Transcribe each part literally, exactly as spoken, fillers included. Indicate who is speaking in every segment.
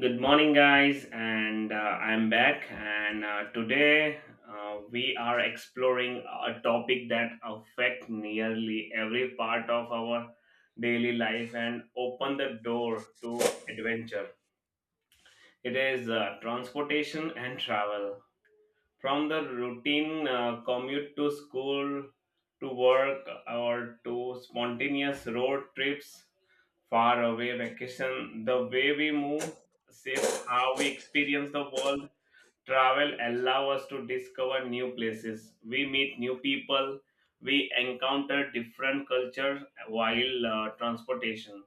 Speaker 1: Good morning, guys, and uh, I'm back. And uh, Today uh, we are exploring a topic that affects nearly every part of our daily life and open the door to adventure. It is uh, transportation and travel. From the routine uh, commute to school, to work, or to spontaneous road trips far away vacation, the way we move shape how we experience the world. Travel allow us to discover new places. We meet new people. We encounter different cultures while uh, transportation.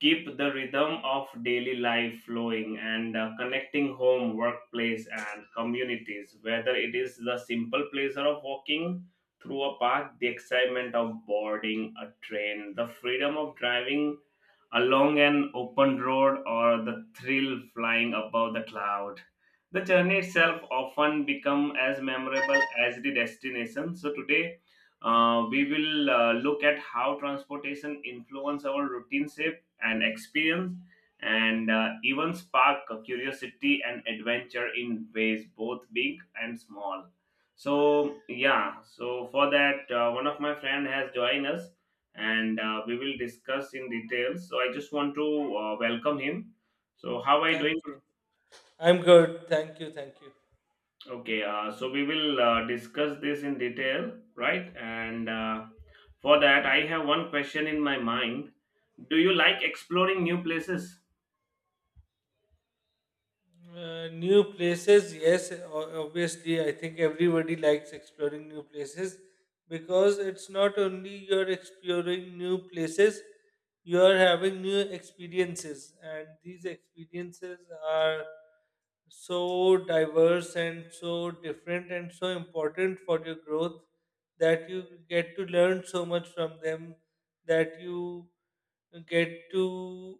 Speaker 1: Keep the rhythm of daily life flowing and uh, connecting home, workplace, and communities. Whether it is the simple pleasure of walking through a park, the excitement of boarding a train, the freedom of driving along an open road or the thrill flying above the cloud. The journey itself often become as memorable as the destination. So today, uh, we will uh, look at how transportation influence our routine shape and experience, and uh, even spark curiosity and adventure in ways both big and small. So yeah, so for that, uh, one of my friend has joined us and uh, we will discuss in details. So I just want to uh, welcome him. So how are you
Speaker 2: Thank
Speaker 1: doing?
Speaker 2: you. I'm good. Thank you. Thank you.
Speaker 1: Okay, uh, so we will uh, discuss this in detail, right? And uh, For that, I have one question in my mind. Do you like exploring new places?
Speaker 2: Uh, new places, yes, o- obviously, I think everybody likes exploring new places because it's not only you're exploring new places, you're having new experiences, and these experiences are so diverse and so different and so important for your growth that you get to learn so much from them that you get to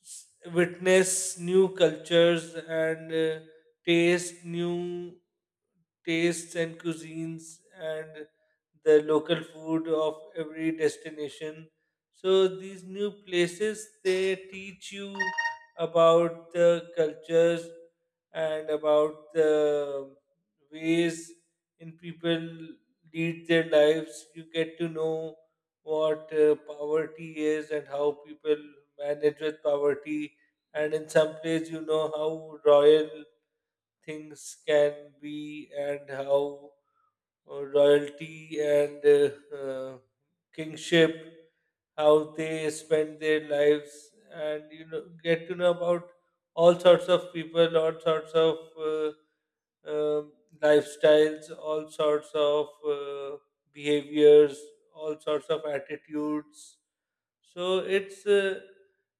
Speaker 2: s- witness new cultures and uh, taste new tastes and cuisines and the local food of every destination. So these new places they teach you about the cultures and about the ways in people lead their lives. You get to know what uh, poverty is and how people manage with poverty. And in some place, you know how royal things can be and how uh, royalty and uh, uh, kingship how they spend their lives and you know get to know about all sorts of people, all sorts of uh, um lifestyles, all sorts of uh, behaviors, all sorts of attitudes, so it's uh,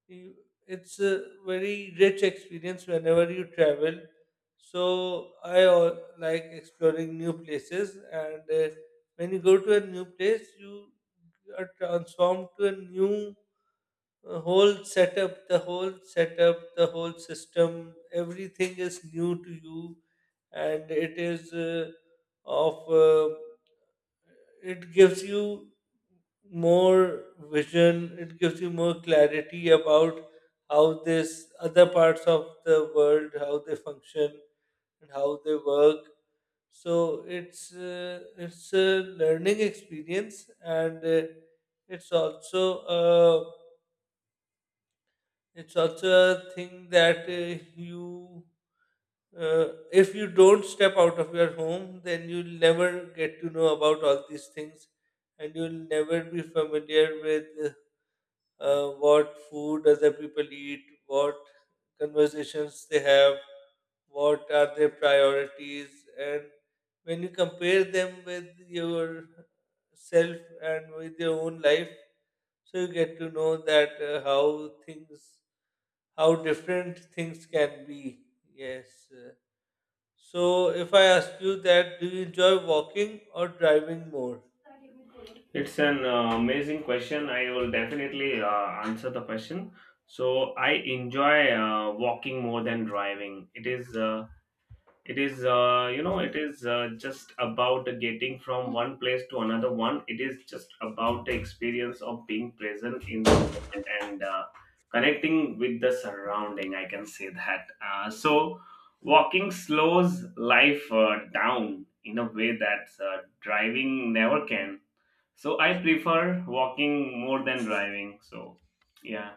Speaker 2: you- it's a very rich experience whenever you travel. So I al- like exploring new places, and uh, when you go to a new place, you are transformed to a new uh, whole setup. The whole setup, the whole system, everything is new to you, and it is uh, of. Uh, it gives you more vision, it gives you more clarity about how this other parts of the world, how they function and how they work. So it's uh, it's a learning experience, and uh, it's also a, it's also a thing that uh, you uh, if you don't step out of your home, then you'll never get to know about all these things, and you'll never be familiar with uh, what food other people eat, what conversations they have, what are their priorities, and when you compare them with yourself and with your own life, so you get to know that uh, how things, how different things can be. Yes. Uh, so, if I ask you that, do you enjoy walking or driving more?
Speaker 1: It's an uh, amazing question. I will definitely uh, answer the question. So I enjoy uh, walking more than driving. It is. Uh, it is uh, you know It is uh, just about getting from one place to another one, it is just about the experience of being present in the moment and uh, connecting with the surrounding, I can say that uh, So walking slows life uh, down in a way that uh, driving never can, so I prefer walking more than driving. So yeah,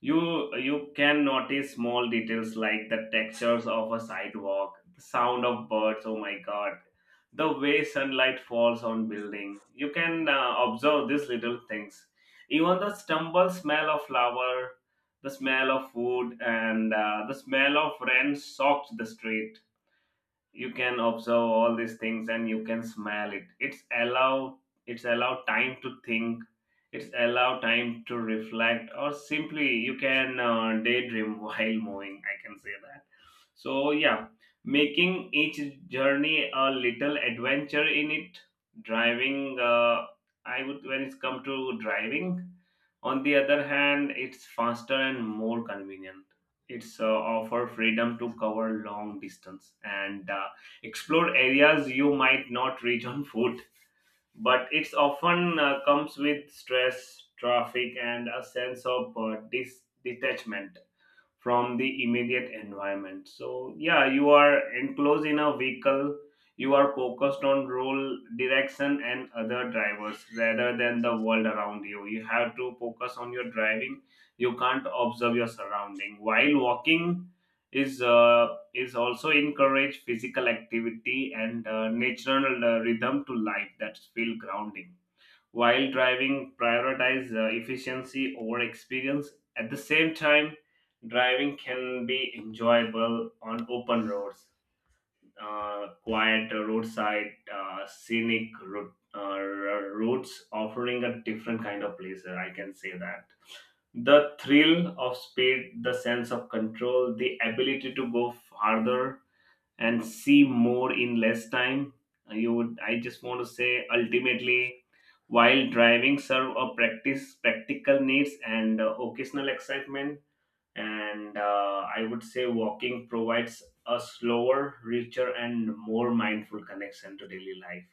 Speaker 1: you you can notice small details like the textures of a sidewalk, the sound of birds. Oh my god, the way sunlight falls on building. You can uh, observe these little things, even the stumble smell of flower, the smell of food, and uh, the smell of rain soaked the street. You can observe all these things and you can smell it. It's allow it's allow time to think, it's allow time to reflect, or simply you can uh, daydream while moving, I can say that. So yeah, making each journey a little adventure in it. Driving uh, I would When it's come to driving on the other hand, it's faster and more convenient. It's uh, offer freedom to cover long distance and uh, explore areas you might not reach on foot. But it's often uh, comes with stress, traffic, and a sense of uh, dis- detachment from the immediate environment. So yeah, you are enclosed in a vehicle, you are focused on role direction and other drivers rather than the world around you. You have to focus on your driving, you can't observe your surrounding while walking. is uh, is also encourage physical activity and uh, natural uh, rhythm to life that feel grounding, while driving prioritize uh, efficiency over experience. At the same time, driving can be enjoyable on open roads, uh, quiet roadside uh, scenic route, uh, routes offering a different kind of pleasure, I can say that. The thrill of speed, the sense of control, the ability to go farther and see more in less time. Uh, you would I just want to say ultimately while driving serve a practice practical needs and uh, occasional excitement, and uh, I would say walking provides a slower, richer and more mindful connection to daily life,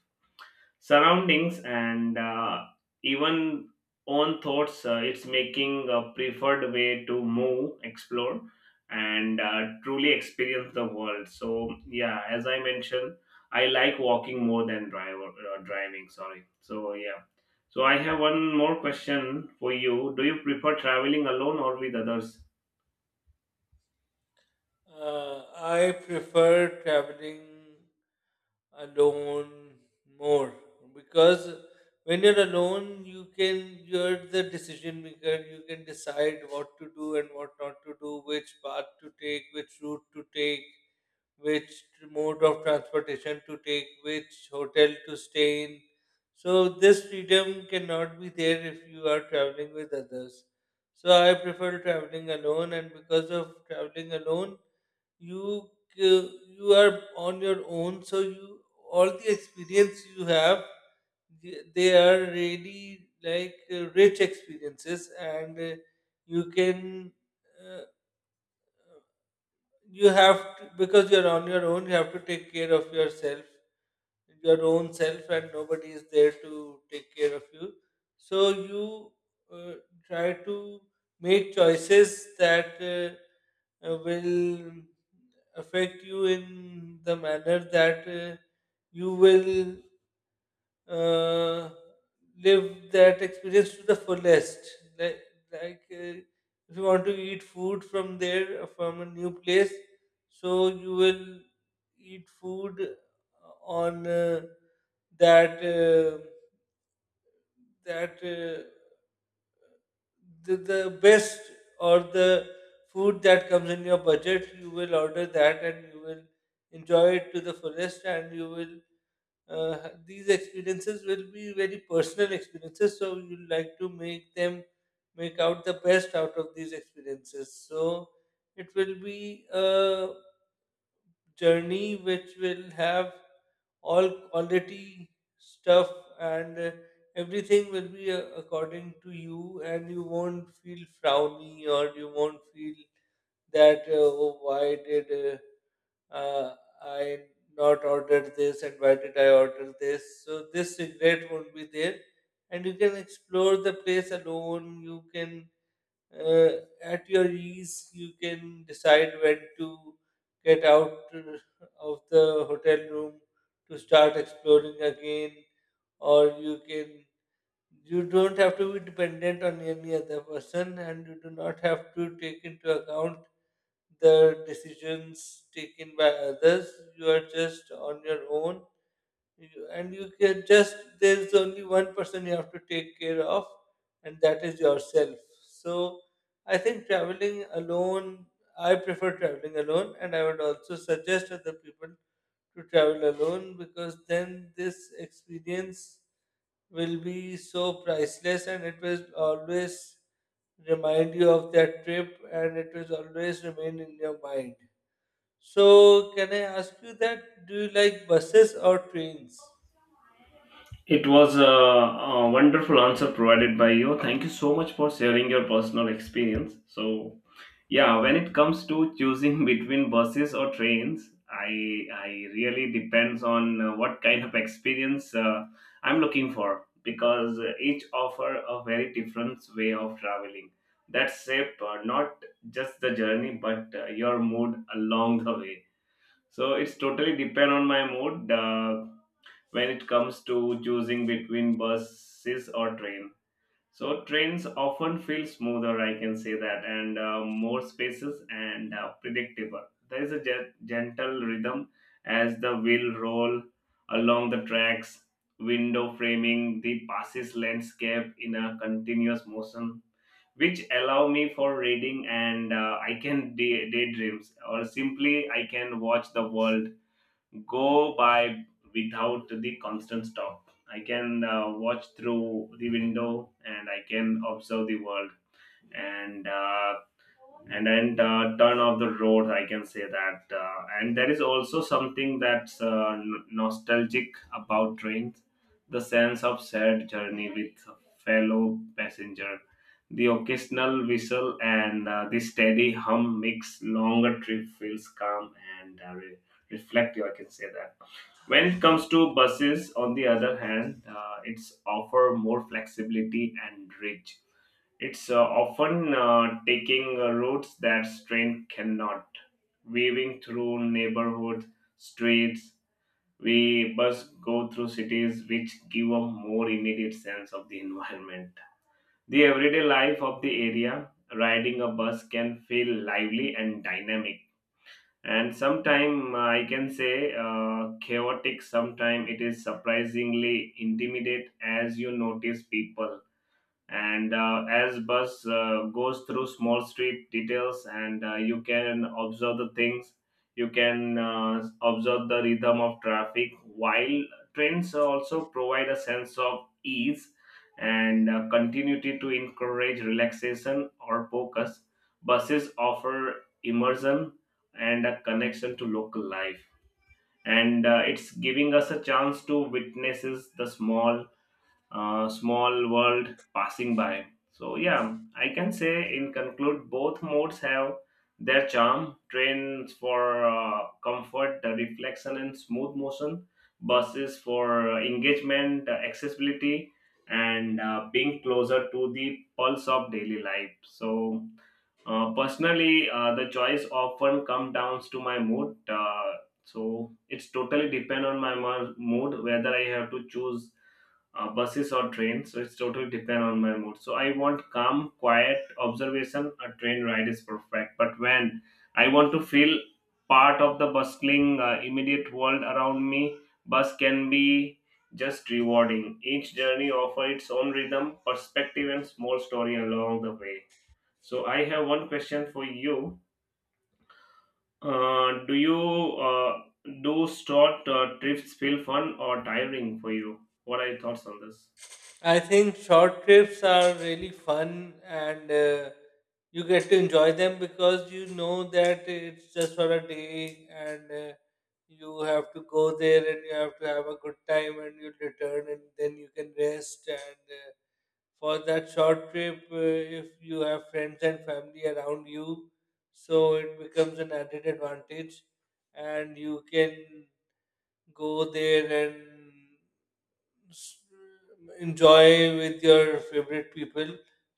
Speaker 1: surroundings, and uh, even own thoughts uh, It's making a preferred way to move explore and uh, truly experience the world. So yeah, as I mentioned, I like walking more than driver uh, driving, sorry. So yeah, so I have one more question for you. Do you prefer traveling alone or with others?
Speaker 2: Uh, I prefer traveling alone more because when you're alone, you can you're the decision maker. You can decide what to do and what not to do, which path to take, which route to take, which mode of transportation to take, which hotel to stay in. So, this freedom cannot be there if you are traveling with others. So, I prefer traveling alone, and because of traveling alone, you c- you are on your own. So, you all the experience you have, they they are really like uh, rich experiences, and uh, you can. Uh, you have to, because you're on your own you have to take care of yourself, your own self, and nobody is there to take care of you, so you uh, try to make choices that uh, uh, will affect you in the manner that uh, you will uh, live that experience to the fullest. Like, like uh, if you want to eat food from there, from a new place, so you will eat food on uh, that uh, that uh, the, the best or the food that comes in your budget. You will order that, and you will enjoy it to the fullest, and you will uh, these experiences will be very personal experiences so you like to make them make out the best out of these experiences, so it will be a journey which will have all quality stuff, and uh, everything will be uh, according to you and you won't feel frowny or you won't feel that uh, oh, why did uh, uh, I not ordered this and why did I order this? So this regret won't be there, and you can explore the place alone. You can uh, at your ease. You can decide when to get out uh, of the hotel room to start exploring again, or you can. You don't have to be dependent on any other person, and you do not have to take into account the decisions taken by others. You are just on your own. You- and you can just there's only one person you have to take care of, and that is yourself. So I think traveling alone. I prefer traveling alone, and I would also suggest other people to travel alone because then this experience will be so priceless and it will always remind you of that trip and it will always remain in your mind. So, can I ask you that do you like buses or trains?
Speaker 1: It was a, a wonderful answer provided by you. Thank you so much for sharing your personal experience. So yeah, when it comes to choosing between buses or trains, I I really depends on uh, what kind of experience uh, I'm looking for, because uh, each offer a very different way of traveling that shape uh, not just the journey but uh, your mood along the way. So it's totally depend on my mood uh, when it comes to choosing between buses or train. So trains often feel smoother, I can say that, and uh, more spaces and uh, predictable. There is a ge- gentle rhythm as the wheel roll along the tracks, window framing the passes landscape in a continuous motion, which allow me for reading and uh, I can day- daydreams or simply I can watch the world go by without the constant stop. I can uh, watch through the window and I can observe the world, and uh, and then uh, turn off the road, I can say that uh, And there is also something that's uh, n- nostalgic about trains, the sense of shared journey with fellow passenger, the occasional whistle and uh, the steady hum makes longer trip feels calm and uh, re- reflective, I can say that. When it comes to buses on the other hand, uh, it's offer more flexibility and reach. It's uh, often uh, taking uh, routes that train cannot, weaving through neighborhood streets. We bus go through cities, which give a more immediate sense of the environment. The everyday life of the area, riding a bus can feel lively and dynamic. And sometimes I can say uh, chaotic, sometimes it is surprisingly intimidate as you notice people, and uh, as bus uh, goes through small street details, and uh, you can observe the things, you can uh, observe the rhythm of traffic. While trains also provide a sense of ease and uh, continuity to encourage relaxation or focus, buses offer immersion and a connection to local life, and uh, it's giving us a chance to witnesses the small uh, small world passing by. So yeah, I can say in conclude, both modes have their charm. Trains for uh, comfort, uh, reflection, and smooth motion. Buses for engagement, uh, accessibility, and uh, being closer to the pulse of daily life. So uh, personally, uh, the choice often comes down to my mood. Uh, so it's totally depend on my mo- mood whether I have to choose uh, buses or trains. So it's totally depend on my mood. So I want calm, quiet observation. A train ride is perfect. But when I want to feel part of the bustling, uh, immediate world around me, bus can be just rewarding. Each journey offers its own rhythm, perspective, and small story along the way. So I have one question for you. Uh, do you uh, do short uh, trips feel fun or tiring for you? What are your thoughts on this?
Speaker 2: I think short trips are really fun and uh, you get to enjoy them because you know that it's just for a day and uh, you have to go there and you have to have a good time and you return and then you can rest, and uh, for that short trip uh, if you have friends and family around you, so it becomes an added advantage and you can go there and s- enjoy with your favorite people.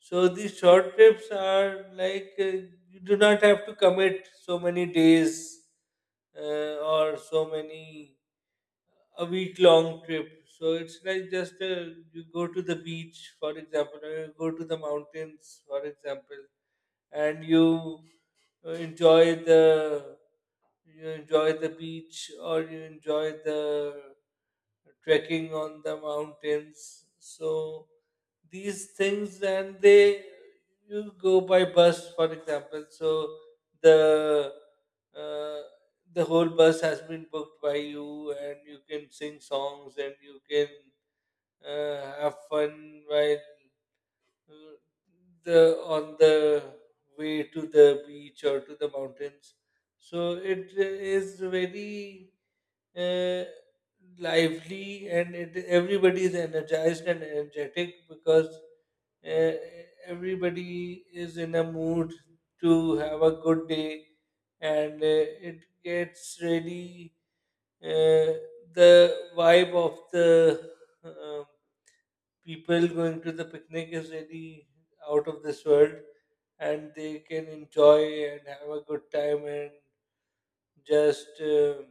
Speaker 2: So these short trips are like uh, you do not have to commit so many days uh, or so many, a week long trip. So it's like just a, you go to the beach, for example, or you go to the mountains, for example, and you uh, enjoy the you enjoy the beach or you enjoy the trekking on the mountains. So these things and they you go by bus, for example, so the uh, the whole bus has been booked by you and you can sing songs and you can uh, have fun while uh, the on the way to the beach or to the mountains, so it is very uh, lively and it, everybody is energized and energetic because uh, everybody is in a mood to have a good day, and uh, it gets really uh, the vibe of the um people going to the picnic is really out of this world, and they can enjoy and have a good time and just um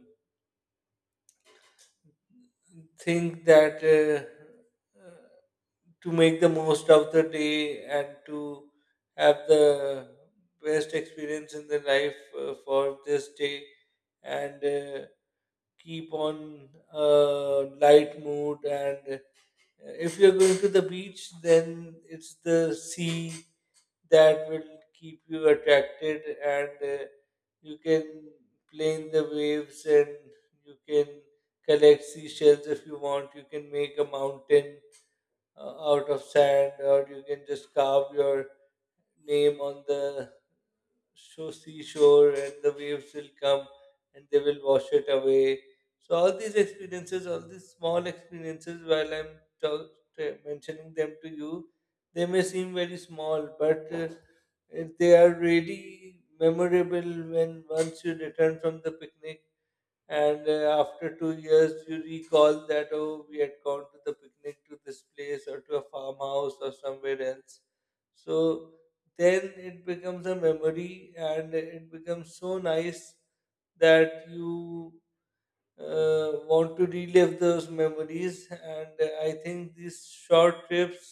Speaker 2: think that uh, to make the most of the day and to have the best experience in the life uh, for this day, and uh, keep on a light mood, and uh, if you're going to the beach then it's the sea that will keep you attracted, and uh, you can play in the waves and you can collect seashells. If you want, you can make a mountain uh, out of sand, or you can just carve your name on the so seashore and the waves will come and they will wash it away. So all these experiences, all these small experiences, while I'm talk, t- mentioning them to you, they may seem very small, but uh, eh, they are really memorable when once you return from the picnic, and uh, after two years you recall that oh we had gone to the picnic to this place or to a farmhouse or somewhere else, so then it becomes a memory and it becomes so nice that you uh, want to relive those memories, and I think these short trips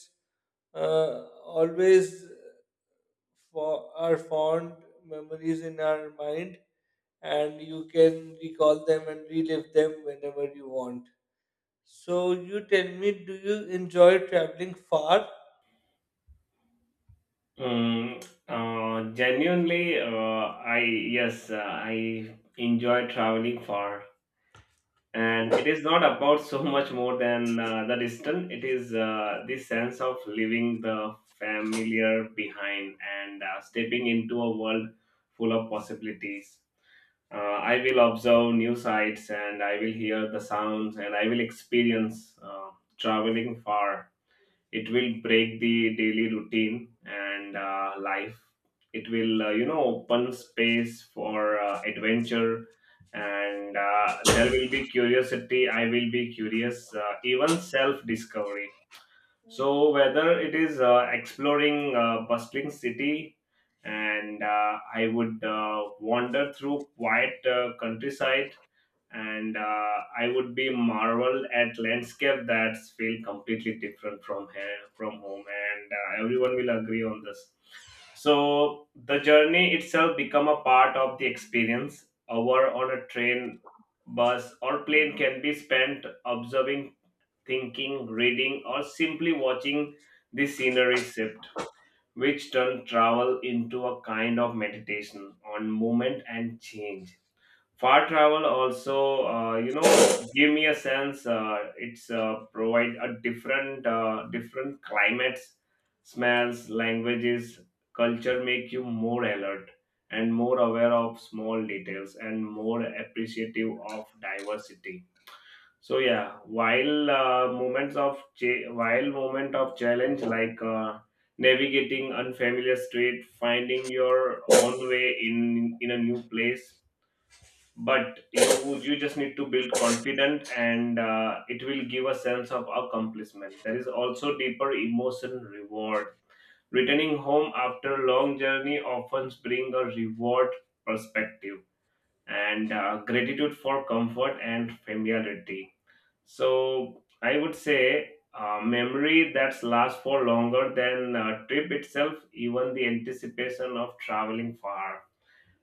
Speaker 2: uh, always for are fond memories in our mind, and you can recall them and relive them whenever you want. So, you tell me, do you enjoy traveling far?
Speaker 1: Mm, uh, Genuinely, uh, I yes, uh, I enjoy traveling far, and it is not about so much more than uh, the distance. It is uh, the sense of leaving the familiar behind and uh, stepping into a world full of possibilities. Uh, I will observe new sights, and I will hear the sounds, and I will experience uh, traveling far. It will break the daily routine and uh, life, it will uh, you know open space for uh, adventure, and uh, there will be curiosity, I will be curious, uh, even self discovery. So whether it is uh, exploring a bustling city, and uh, I would uh, wander through quiet uh, countryside, and uh, I would be marveled at landscape that feel completely different from here, from home, and uh, everyone will agree on this. So the journey itself become a part of the experience. Hour on a train, bus, or plane can be spent observing, thinking, reading, or simply watching the scenery shift, which turn travel into a kind of meditation on movement and change. Far travel also uh, you know give me a sense, uh, it's uh, provide a different uh, different climates, smells, languages, culture, make you more alert and more aware of small details and more appreciative of diversity. So yeah, while uh, moments of cha- while moment of challenge like uh, navigating unfamiliar street, finding your own way in in a new place, but you you just need to build confident and uh, it will give a sense of accomplishment. There is also deeper emotion reward, returning home after a long journey often bring a reward perspective and uh, gratitude for comfort and familiarity. So I would say uh, memory that lasts for longer than uh, trip itself, even the anticipation of traveling far.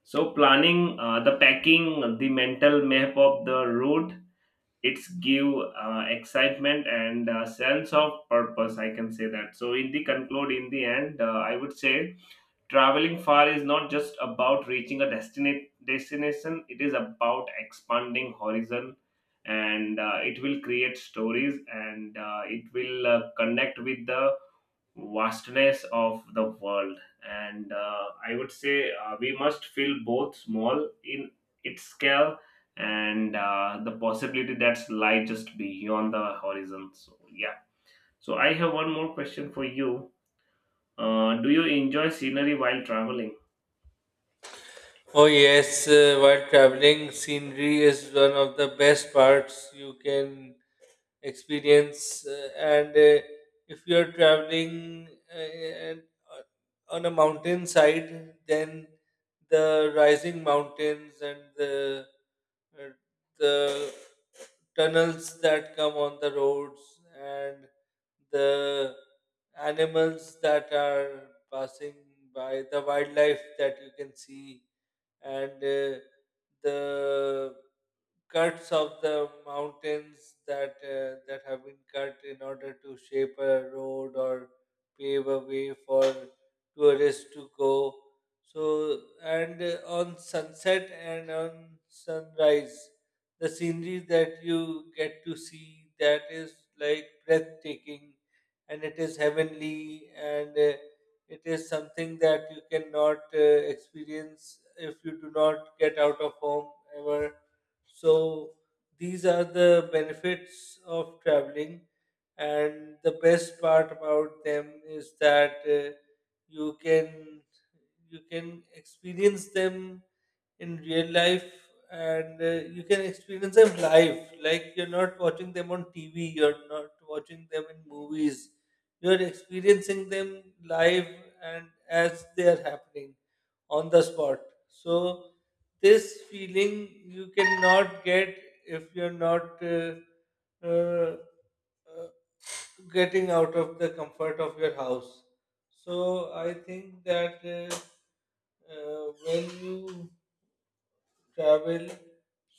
Speaker 1: So planning, uh, the packing, the mental map of the route, it's give uh, excitement and uh, sense of purpose. I can say that. So in the conclude, in the end, uh, I would say traveling far is not just about reaching a destinate destination. It is about expanding horizon, and uh, it will create stories, and uh, it will uh, connect with the vastness of the world, and uh, I would say uh, we must feel both small in its scale, and uh, the possibility that's lie just beyond the horizon. So yeah, so I have one more question for you. Uh, do you enjoy scenery while traveling?
Speaker 2: Oh, yes, uh, while traveling, scenery is one of the best parts you can experience. Uh, and uh, If you're traveling uh, and, uh, on a mountainside, then the rising mountains and the uh, the tunnels that come on the roads and the animals that are passing by, the wildlife that you can see, and uh, the cuts of the mountains that uh, that have been cut in order to shape a road or pave a way for tourists to go. So and uh, on sunset and on sunrise, the scenery that you get to see that is like breathtaking, and it is heavenly and. Uh, it is something that you cannot uh, experience if you do not get out of home ever. So these are the benefits of traveling, and the best part about them is that uh, you can you can experience them in real life, and uh, you can experience them live, like you're not watching them on TV, you're not watching them in movies, you're experiencing them live and as they are happening on the spot. So this feeling you cannot get if you're not uh, uh, uh, getting out of the comfort of your house. So I think that uh, uh, when you travel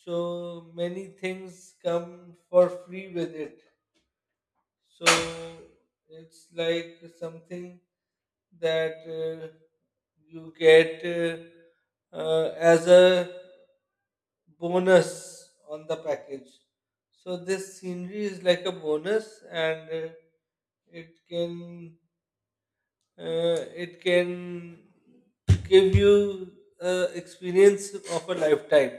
Speaker 2: so many things come for free with it, so it's like something that uh, you get uh, uh, as a bonus on the package. So this scenery is like a bonus, and uh, it can uh, it can give you uh, experience of a lifetime,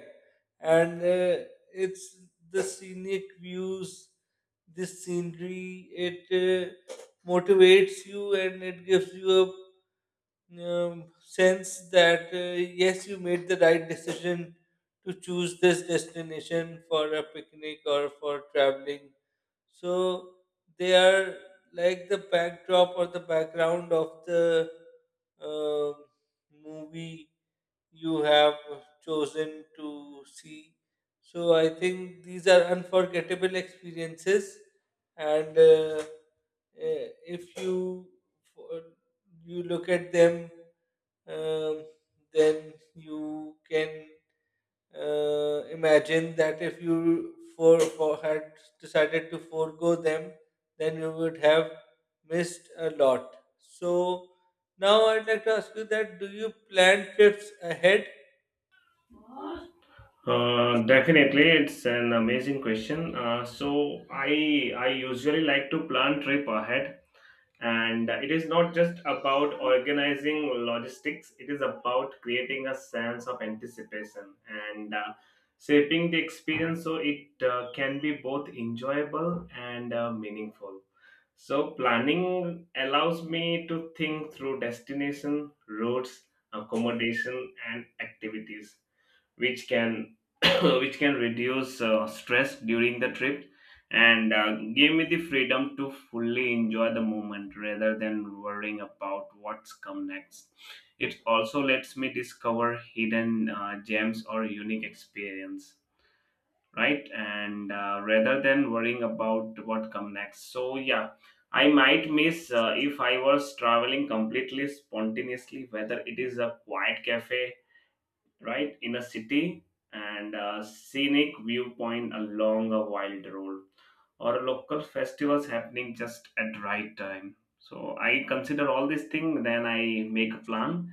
Speaker 2: and uh, it's the scenic views, the scenery, it uh, motivates you and it gives you a um, sense that uh, yes you made the right decision to choose this destination for a picnic or for traveling. So they are like the backdrop or the background of the uh, movie you have chosen to see. So I think these are unforgettable experiences, and uh, eh, if you you look at them, um, then you can uh, imagine that if you for, for had decided to forego them, then you would have missed a lot. So now I'd like to ask you that: Do you plan trips ahead?
Speaker 1: Uh, definitely, it's an amazing question. Uh, so I I usually like to plan trip ahead, and uh, it is not just about organizing logistics, it is about creating a sense of anticipation and uh, shaping the experience, so it uh, can be both enjoyable and uh, meaningful. So planning allows me to think through destination routes, accommodation and activities, which can which can reduce uh, stress during the trip, and uh, give me the freedom to fully enjoy the moment rather than worrying about what's come next. It also lets me discover hidden uh, gems or unique experience, right, and uh, rather than worrying about what come next. So yeah, I might miss uh, if I was traveling completely spontaneously, whether it is a quiet cafe, right, in a city, and a scenic viewpoint along a wild road, or a local festivals happening just at right time. So I consider all these things then I make a plan.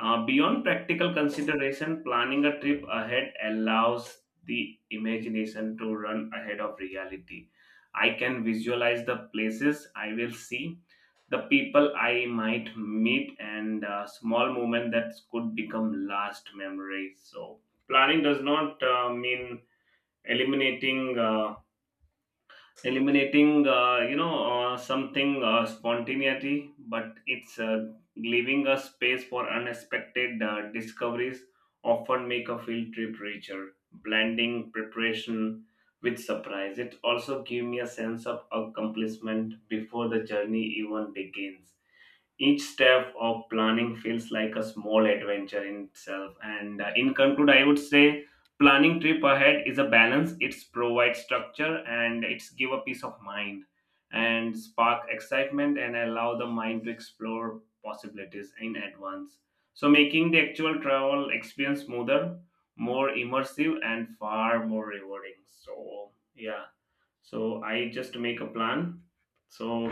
Speaker 1: Uh, beyond practical consideration, planning a trip ahead allows the imagination to run ahead of reality. I can visualize the places I will see, the people I might meet, and uh, small moments that could become last memories. So, planning does not uh, mean eliminating. Uh, eliminating uh, you know uh, something uh, spontaneity, but it's uh, leaving a space for unexpected uh, discoveries, often make a field trip richer, blending preparation with surprise. It also gives me a sense of accomplishment before the journey even begins. Each step of planning feels like a small adventure in itself. And uh, In conclude, I would say planning trip ahead is a balance. It's provide structure and it's give a peace of mind and spark excitement and allow the mind to explore possibilities in advance. So making the actual travel experience smoother, more immersive, and far more rewarding. So yeah. So I just make a plan. So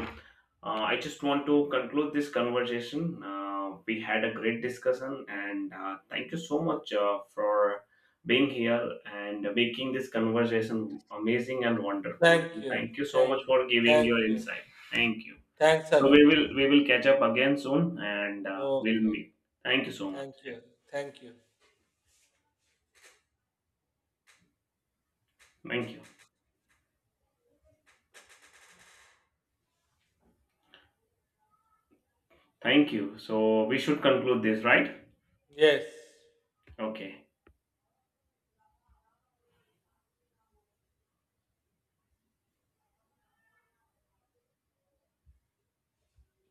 Speaker 1: uh, I just want to conclude this conversation. Uh, we had a great discussion, and uh, thank you so much uh, for being here and making this conversation amazing and wonderful.
Speaker 2: Thank
Speaker 1: And
Speaker 2: you,
Speaker 1: thank you so much
Speaker 2: thank,
Speaker 1: for giving
Speaker 2: thank
Speaker 1: your
Speaker 2: you,
Speaker 1: insight. Thank you.
Speaker 2: thanks a
Speaker 1: So we
Speaker 2: lot.
Speaker 1: will we will catch up again soon, and uh, we'll
Speaker 2: Okay,
Speaker 1: meet. Thank you so much.
Speaker 2: thank
Speaker 1: Yeah.
Speaker 2: you, thank you.
Speaker 1: Thank you. Thank you. So we should conclude this, right?
Speaker 2: Yes.
Speaker 1: Okay.